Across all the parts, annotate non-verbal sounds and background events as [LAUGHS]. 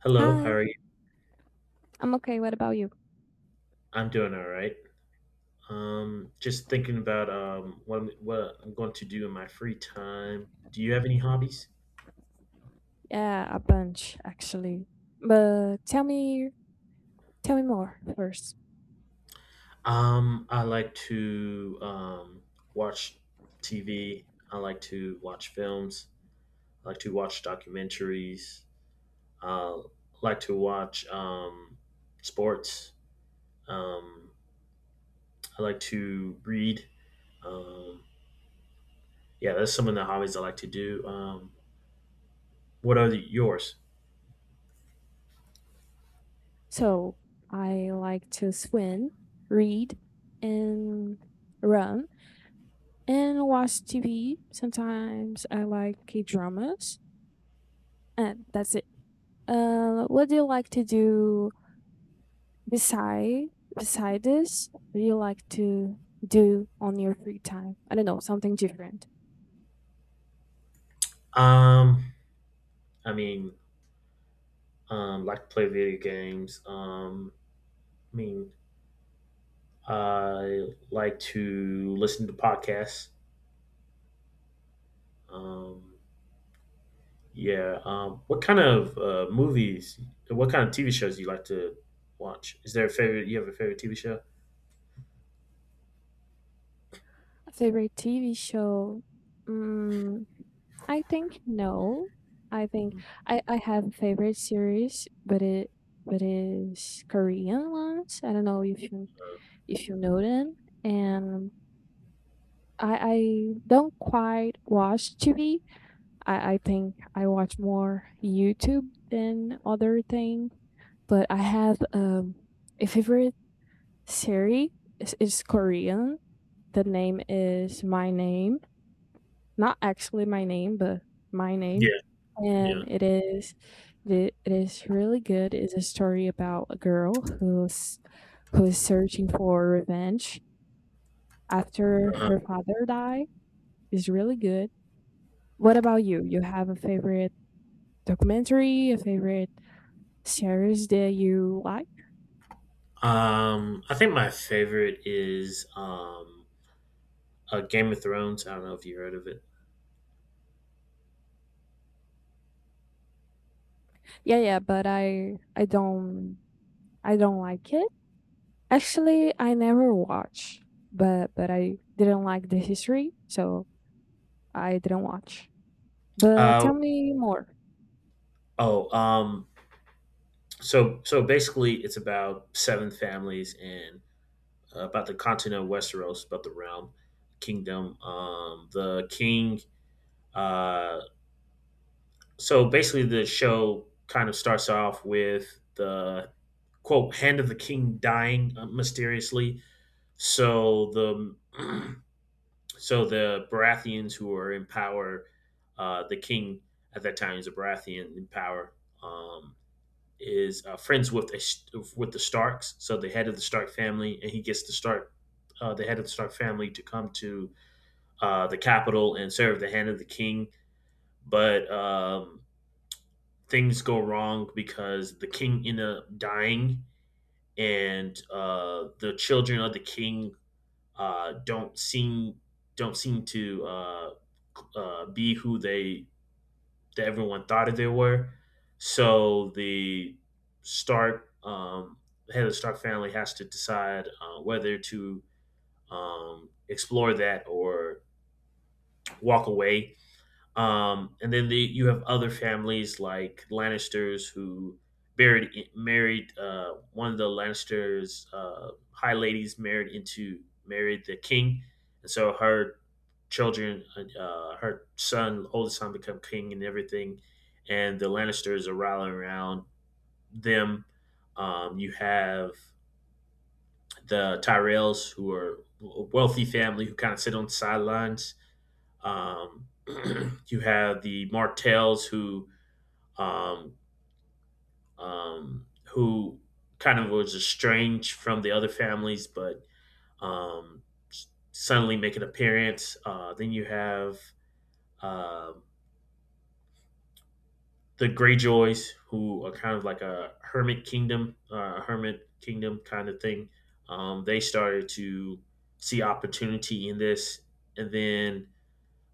Hello, how Hi, are you? I'm okay. What about you? I'm doing all right. Just thinking about what I'm going to do in my free time. Do you have any hobbies? Yeah, a bunch actually. But tell me more first. I like to watch TV. I like to watch films. I like to watch documentaries. I like to watch sports. Um, I like to read. Um, yeah, that's some of the hobbies I like to do. What are yours? So, I like to swim, read, and run, and watch TV. Sometimes I like K-dramas, and that's it. What do you like to do beside beside this? What do you like to do on your free time? I don't know, something different. Um, I mean, like to play video games. I mean, I like to listen to podcasts. Um, yeah. What kind of movies? What kind of TV shows do you like to watch? Is there a favorite? You have a favorite TV show? Favorite TV show? Mm, I think no. I think Mm. I have a favorite series, but it but it's Korean ones. I don't know if you know them. And I don't quite watch TV. I think I watch more YouTube than other thing. But I have a favorite series. It's Korean. The name is My Name. Not actually my name, but my name, Yeah. Yeah. and it is really good. It's a story about a girl who's who is searching for revenge after Uh-huh. her father died. It's really good. What about you? You have a favorite documentary, a favorite series that you like? I think my favorite is Game of Thrones. I don't know if you heard of it. Yeah, yeah, but I don't like it. Actually, I never watch, but I didn't like the history, so I didn't watch. But Uh, tell me more. oh. So basically, it's about seven families, and about the continent of Westeros, about the realm, kingdom. The king. Uh, so basically, the show kind of starts off with the quote hand of the king dying mysteriously. So the [CLEARS THROAT] so the Baratheons who are in power. The king at that time is a Baratheon in power. Um, is friends with with the Starks, so the head of the Stark family, and he gets the head of the Stark family to come to the capital and serve the hand of the king. But things go wrong because the king end up dying, and the children of the king uh, don't seem don't seem to be who they that everyone thought they were. So the Stark head of the Stark family has to decide whether to explore that or walk away, and then you have other families like Lannisters who married married one of the Lannisters high ladies married the king, and so her son, oldest son, become king and everything, and the Lannisters are rallying around them. You have the Tyrells who are a wealthy family who kind of sit on the sidelines. um, [CLEARS THROAT] you have the Martells um, who kind of was estranged from the other families, but um, suddenly make an appearance. Then you have uh, the Greyjoys who are kind of like a hermit kingdom kind of thing. They started to see opportunity in this, and then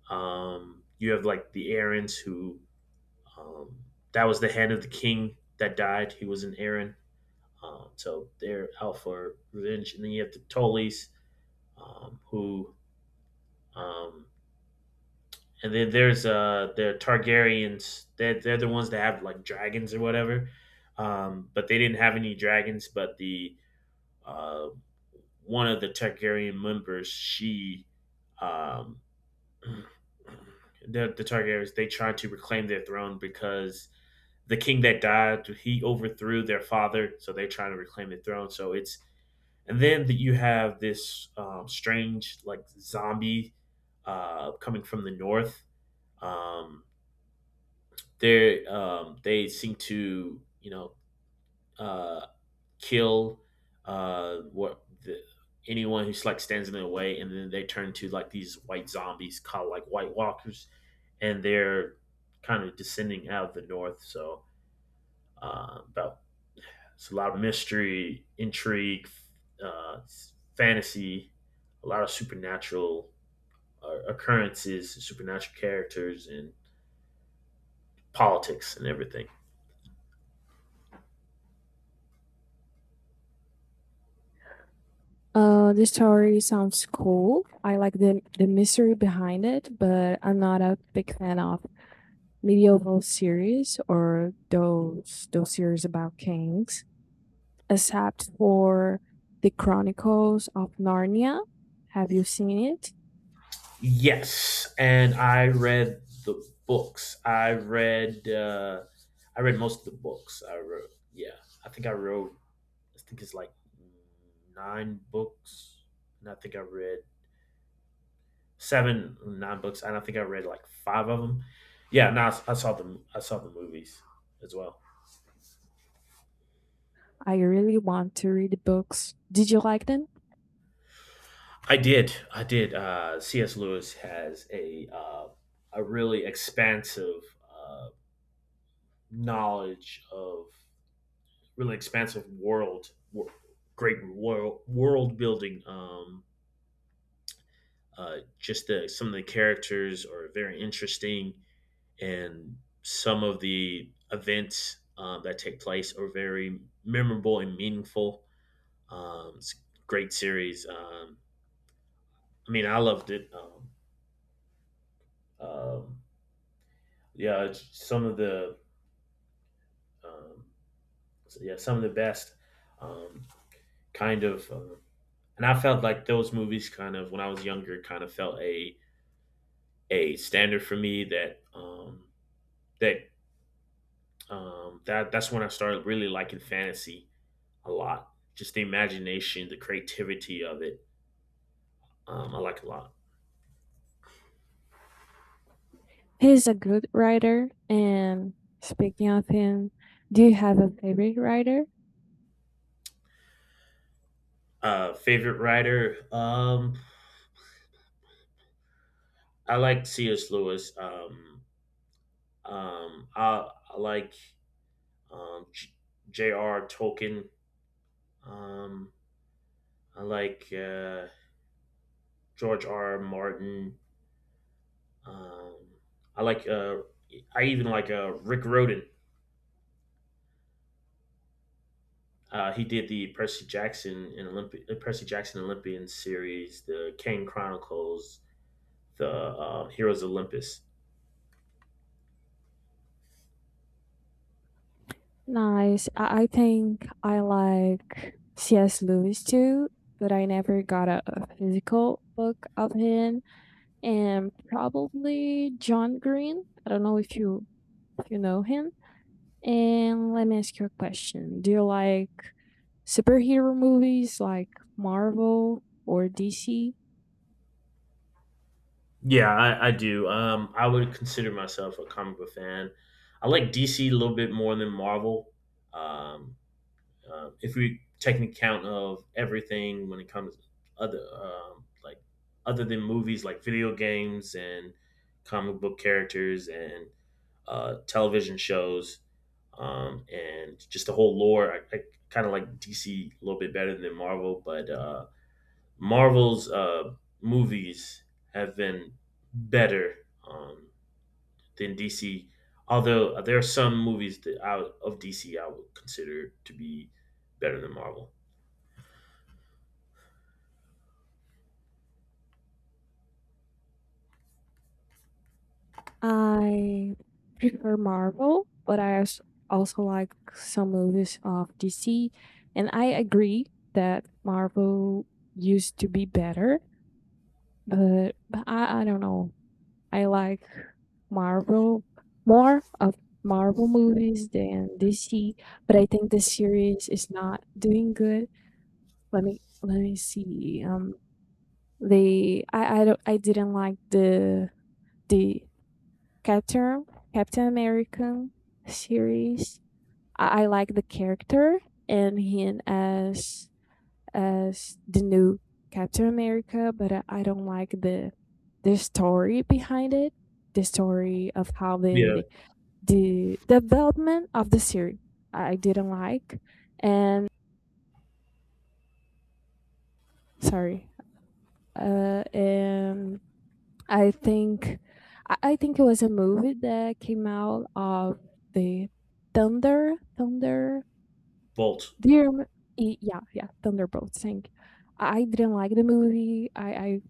you have like the Aarons. Who Um, that was the hand of the king that died. He was an Aaron. So they're out for revenge. And then you have the Tullys, um, who, um, and then there's the Targaryens. They're the ones that have like dragons or whatever. But they didn't have any dragons. But the uh, one of the Targaryen members, um, [CLEARS THROAT] the Targaryens, they tried to reclaim their throne because the king that died, he overthrew their father, so they're trying to reclaim the throne. So it's and then that you have this strange like zombie coming from the north. Um, they seem to uh, kill uh, what the, anyone who like stands in their way, and then they turn to like these white zombies called like White Walkers, and they're kind of descending out of the north. So about It's a lot of mystery, intrigue, uh, fantasy, a lot of supernatural occurrences, supernatural characters, and politics and everything. The story sounds cool. I like the mystery behind it, but I'm not a big fan of medieval series or those series about kings, except for the Chronicles of Narnia. Have you seen it? Yes, and I read the books. I read most of the books. I wrote. Yeah, I think I wrote. I think it's like nine books, and I think I read nine books, and I think I read like five of them. Yeah, no, I saw the movies as well. I really want to read the books. Did you like them? I did, I did. C.S. Lewis has a really expansive uh, knowledge of really expansive great world building. Some of the characters are very interesting, and some of the events that take place are very memorable and meaningful. It's a great series. I mean, I loved it. Um, yeah, some of the um, yeah some of the best, um, kind of, uh, and I felt like those movies kind of when I was younger kind of felt a standard for me. That that's when I started really liking fantasy a lot. Just the imagination, the creativity of it, I like a lot. He's a good writer. And speaking of him, do you have a favorite writer? Favorite writer, I like C.S. Lewis. I like um, J- J.R. Tolkien. Um, I like George R. Martin. Um, I like. Uh, I even like Rick Roden. He did the Percy Jackson Olympian series, the Kane Chronicles, the Heroes of Olympus. Nice. I think I like C.S. Lewis too, but I never got a physical book of him. And probably John Green. I don't know if you know him. And let me ask you a question. Do you like superhero movies like Marvel or DC? Yeah, I do. I would consider myself a comic book fan. I like DC a little bit more than Marvel. Um, if we take an account of everything when it comes to other um, like other than movies like video games and comic book characters and television shows, and just the whole lore. I kind of like DC a little bit better than Marvel, but Marvel's movies have been better, um, than DC. Although there are some movies that out of DC I would consider to be better than Marvel. I prefer Marvel, but also like some movies of DC. And I agree that Marvel used to be better, but I don't know. I like Marvel more of Marvel movies than DC, but I think the series is not doing good. Let me see. They I didn't like the Captain Captain American series. I like the character and him as the new Captain America, but I don't like the story behind it. The story of how Yeah, the development of the series I didn't like, and sorry, and I think I think it was a movie that came out of the Thunder Bolt. Dear. Y Yeah, yeah, Thunderbolt. Thank. I didn't like the movie. I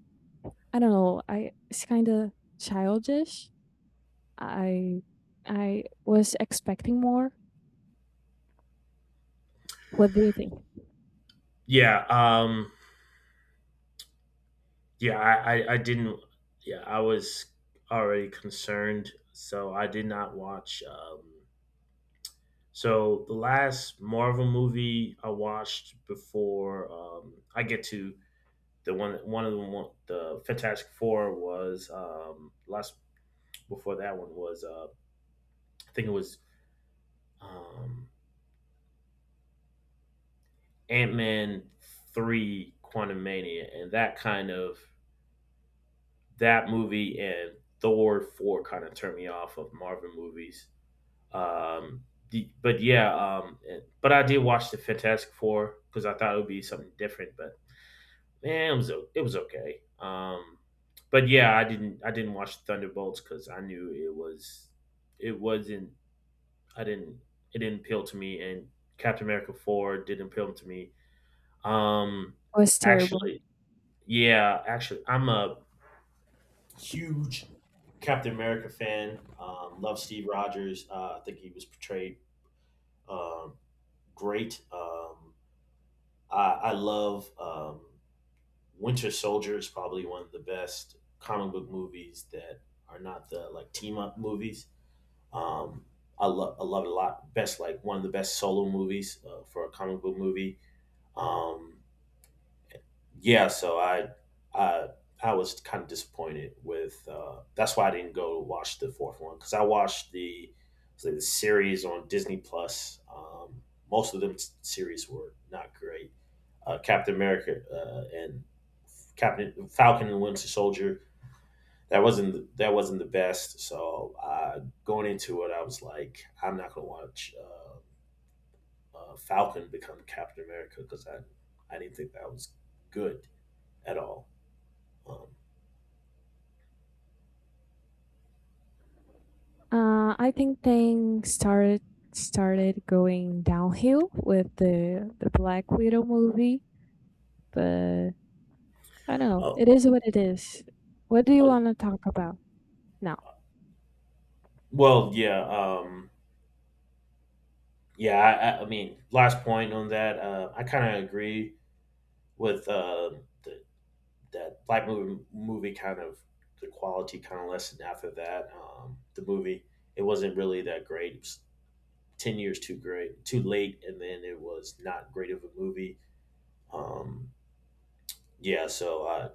I don't know, I it's kinda childish. I I was expecting more. What do you think? It Yeah, yeah. I didn't. Yeah, I was already concerned, so I did not watch. So the last Marvel movie I watched before I get to the one, one of the one, the Fantastic Four was last Before that one was I think it was um, Ant Man 3, Quantum Mania, and that kind of that movie and Thor 4 kind of turned me off of Marvel movies. Um, but yeah, um, but I did watch the Fantastic Four because I thought it would be something different. But man, it was okay. But yeah, I didn't watch Thunderbolts because I knew it was it wasn't I didn't it didn't appeal to me, and Captain America 4 didn't appeal to me. Um, was terrible. actually, Yeah, actually, I'm a huge Captain America fan. Love Steve Rogers. I think he was portrayed um, great. I love Winter Soldier is probably one of the best comic book movies that are not the like team up movies. Um, I love it a lot. Best like one of the best solo movies for a comic book movie. Um, yeah, so i I was kind of disappointed with that's why I didn't go watch the fourth one because I watched the series on Disney Plus. Most of them series were not great. Captain America and Captain Falcon and Winter Soldier, that wasn't the best. So going into it I was like, I'm not gonna watch Falcon become Captain America because I didn't think that was good at all. um I think things started going downhill with the Black Widow movie, but I don't know, Uh, it is. What do you uh, wanna talk about now? well, yeah, yeah. I mean, last point on that. I kind of agree with the, that black movie. The quality kind of lessened after that. The movie, it wasn't really that great. It was 10 years too late, and then it was not great of a movie. Um, yeah. So I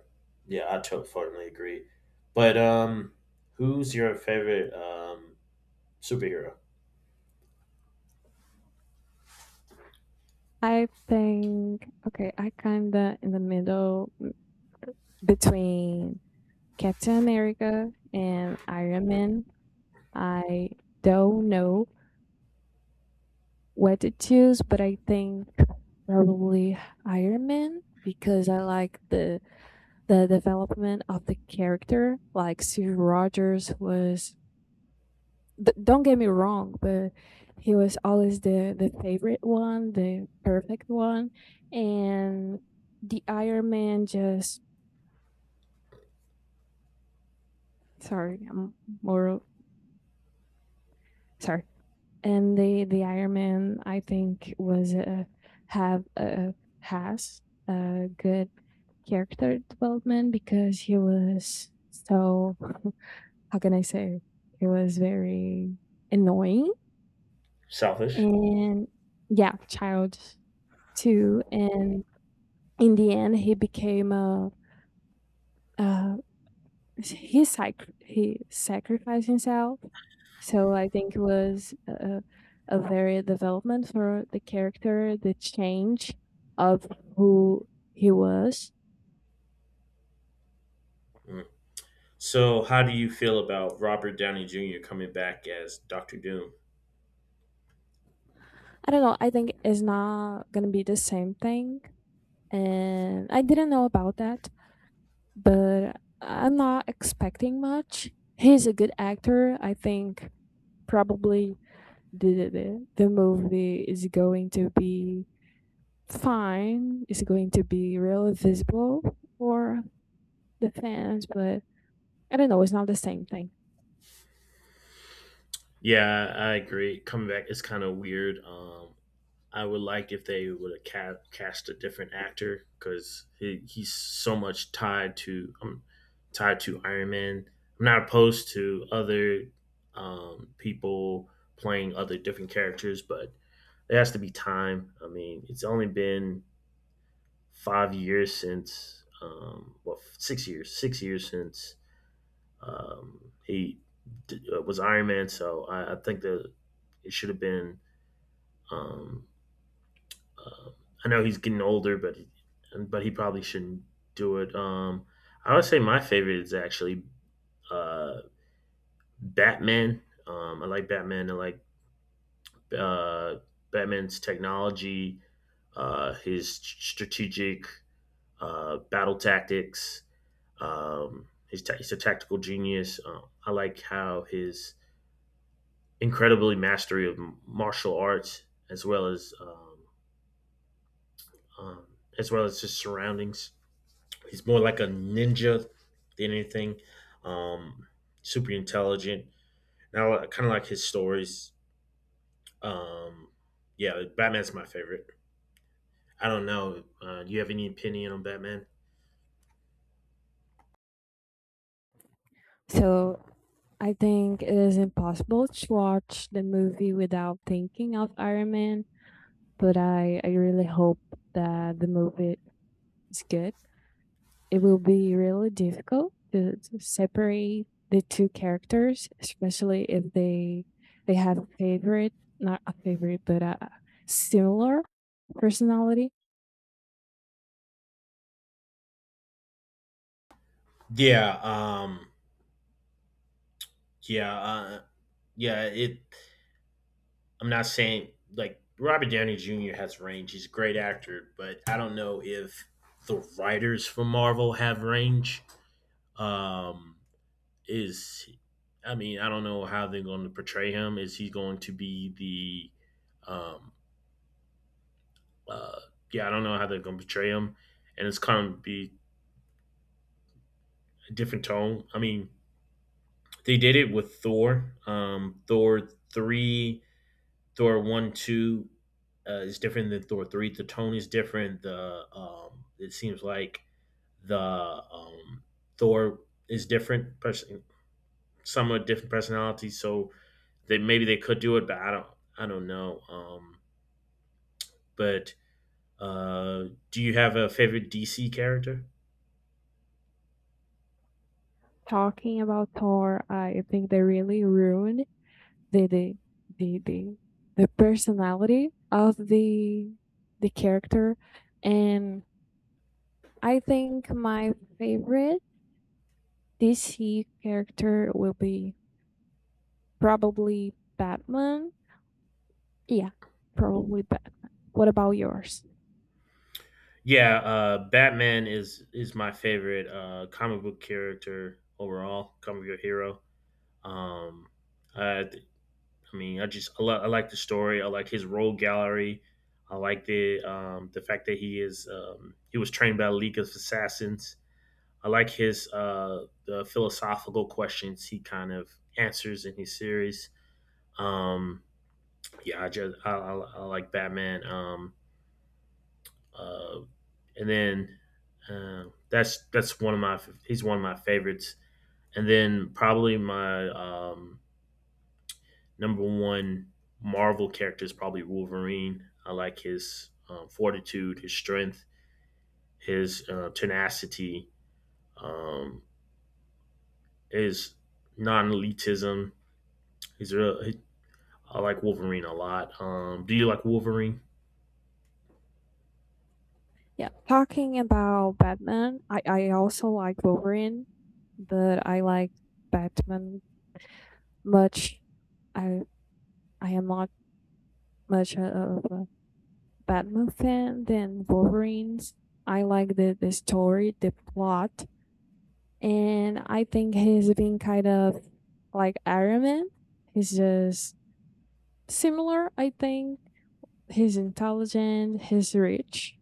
yeah, I totally agree. But who's your favorite superhero? I think okay, I kinda in the middle between Captain America and Iron Man. I don't know what to choose, but I think probably Iron Man because I like the development of the character. Like Steve Rogers was don't get me wrong, but he was always the favorite one, the perfect one, and the Iron Man just sorry, more of- sorry, and the iron man I think was have a has a good character development because he was so [LAUGHS] how can I say, he was very annoying Selfish. and yeah, child too, and in the end he became a, he sacrificed himself. So I think it was a very development for the character, the change of who he was. So, how do you feel about Robert Downey Jr. coming back as Doctor Doom? I don't know. I think it's not gonna be the same thing, and I didn't know about that, but I'm not expecting much. He's a good actor. I think probably the movie is going to be fine. It's going to be really visible for the fans? But I don't know. It's not the same thing. Yeah, I agree. Coming back is kind of weird. I would like if they would have cast a different actor because he's so much tied to Iron Man. I'm not opposed to other people playing other different characters, but there has to be time. I mean, it's only been 5 years since well, 6 years, 6 years since he was Iron Man, so I think that it should have been. Um, uh, I know he's getting older, but he probably shouldn't do it. I would say my favorite is actually uh, Batman. I like Batman. I like uh, Batman's technology, his strategic battle tactics. He's a tactical genius. I like how his incredibly mastery of martial arts as well as um, um, as well as his surroundings. He's more like a ninja than anything. Um, Super intelligent. Now, I kind of like his stories. Um, yeah, Batman's my favorite. I don't know. Do you have any opinion on Batman? So I think it is impossible to watch the movie without thinking of Iron Man. But I really hope that the movie is good. It will be really difficult to separate the two characters, especially if they have a favorite, not a favorite, but a similar personality. Yeah, yeah, yeah. It I'm not saying like Robert Downey Jr. has range. He's a great actor, but I don't know if the writers for Marvel have range. Um, is I mean, I don't know how they're going to portray him. Is he going to be the um, uh, yeah, I don't know how they're going to portray him, and it's kind of be a different tone. I mean, they did it with Thor. Thor three Thor one two is different than Thor three. The tone is different. The It seems like the Thor is different, person, somewhat different personalities. So they maybe they could do it, but I don't know. But uh, do you have a favorite DC character? Talking about Thor, I think they really ruined the the the the, the personality of the character, and I think my favorite DC character will be probably Batman. Yeah, probably Batman. What about yours? Yeah, Batman is my favorite comic book character overall, comic book hero. Um, I I mean, I like the story. I like his role gallery. I like the fact that he is he was trained by a League of Assassins. I like his the philosophical questions he kind of answers in his series. Um, yeah, I just I like Batman. Uh, and then uh, that's one of my he's one of my favorites. And then probably my number one Marvel character is probably Wolverine. I like his fortitude, his strength, his tenacity, um, his non-elitism. He's real. I like Wolverine a lot. Do you like Wolverine? Yeah, talking about Batman, I also like Wolverine, but I like Batman much. I I am not much of a Batman fan than Wolverines. I like the story, the plot, and I think he's been kind of like Iron Man. He's just similar, I think. He's intelligent, he's rich,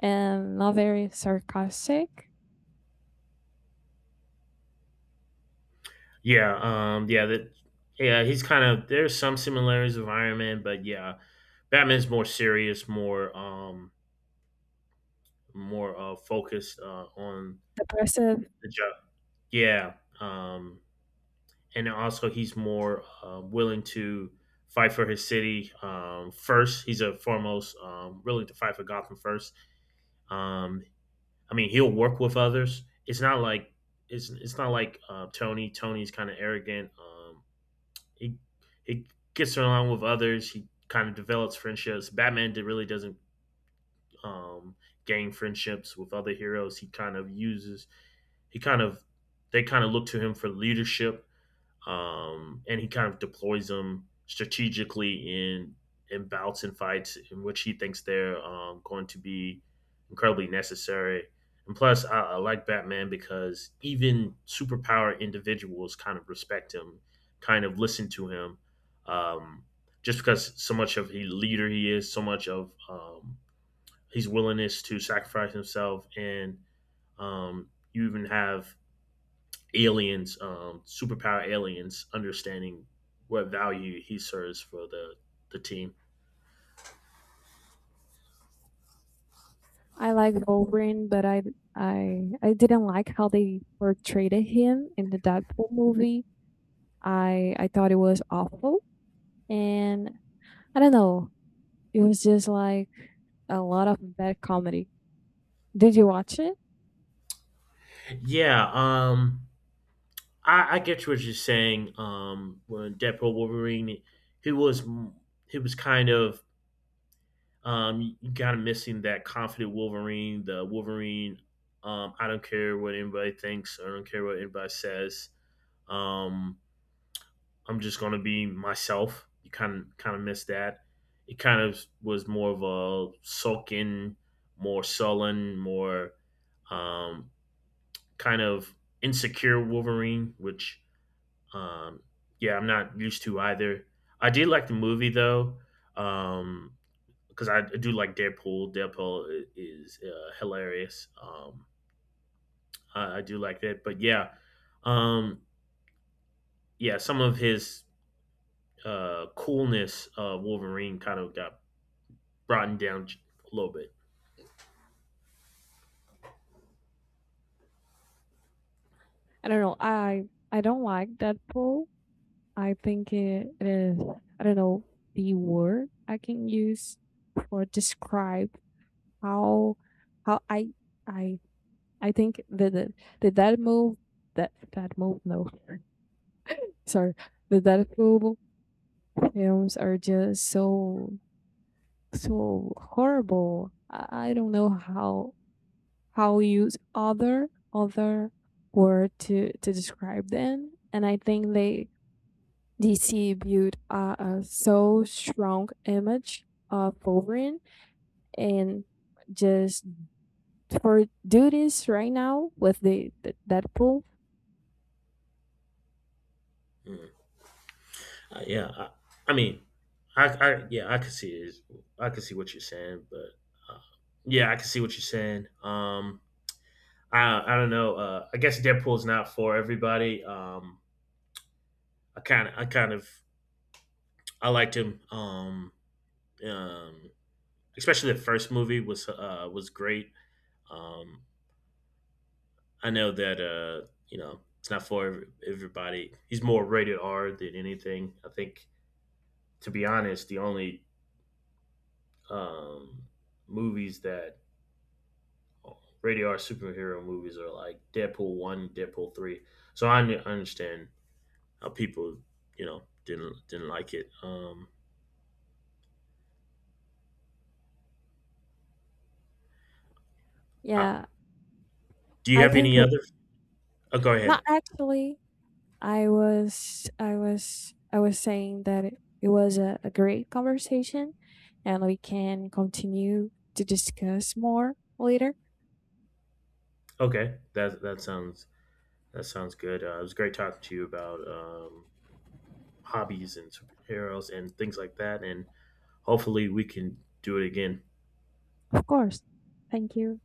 and not very sarcastic, Yeah, um, yeah, that, yeah. He's kind of There's some similarities with Iron Man, but yeah, Batman's more serious, more, focused on depressive. the job. Yeah, um, and also he's more willing to fight for his city first. He's a foremost willing to fight for Gotham first. Um, I mean, he'll work with others. It's not like it's not like Tony. Tony's kind of arrogant. He he gets along with others. He kind of develops friendships. Batman really doesn't um, gain friendships with other heroes. He kind of uses. He kind of They kind of look to him for leadership and he kind of deploys them strategically in bouts and fights in which he thinks they're going to be incredibly necessary. And plus, I like Batman because even superpower individuals kind of respect him, kind of listen to him, um, just because so much of he leader he is, so much of his willingness to sacrifice himself, and you even have aliens, superpower aliens, understanding what value he serves for the team. I like Wolverine, but I I didn't like how they portrayed him in the Deadpool movie. I thought it was awful, and I don't know. It was just like a lot of bad comedy. Did you watch it? Yeah, I get what you're saying. When Deadpool Wolverine, he was he was kind of missing that confident Wolverine, the Wolverine. I don't care what anybody thinks. I don't care what anybody says. Um, I'm just gonna be myself. You kind of miss that. It kind of was more of a sulking, more sullen, more um, kind of insecure Wolverine, which um, yeah, I'm not used to either. I did like the movie though, um, because I do like Deadpool. Deadpool is hilarious. I do like that, but yeah, um, yeah, some of his coolness, Wolverine kind of got broadened down a little bit. I don't know. I don't like Deadpool. I think it is, I don't know the word I can use for describe how how I I think the Deadpool, that that move no [LAUGHS] sorry, the Deadpool films are just so horrible. I don't know how use other word to describe them, and I think they DC built a so strong image of Wolverine and just for do this right now with the Deadpool. Mm. Uh, yeah, I, I mean, I yeah, I can see it. I can see what you're saying, but uh, yeah, I can see what you're saying. I don't know. I guess Deadpool's not for everybody. I kind of I liked him. Um, Especially the first movie was great. Um, I know that you know it's not for everybody. He's more rated R than anything. I think to be honest, the only um, movies that rated R superhero movies are like Deadpool one, Deadpool three. So understand how people, you know, didn't like it. Uh, Yeah, do you I have think any other? Oh, go ahead. not actually, I was saying that it was a great conversation and we can continue to discuss more later. Okay, that sounds good. It was great talking to you about hobbies and superheroes and things like that, and hopefully we can do it again. Of course. Thank you.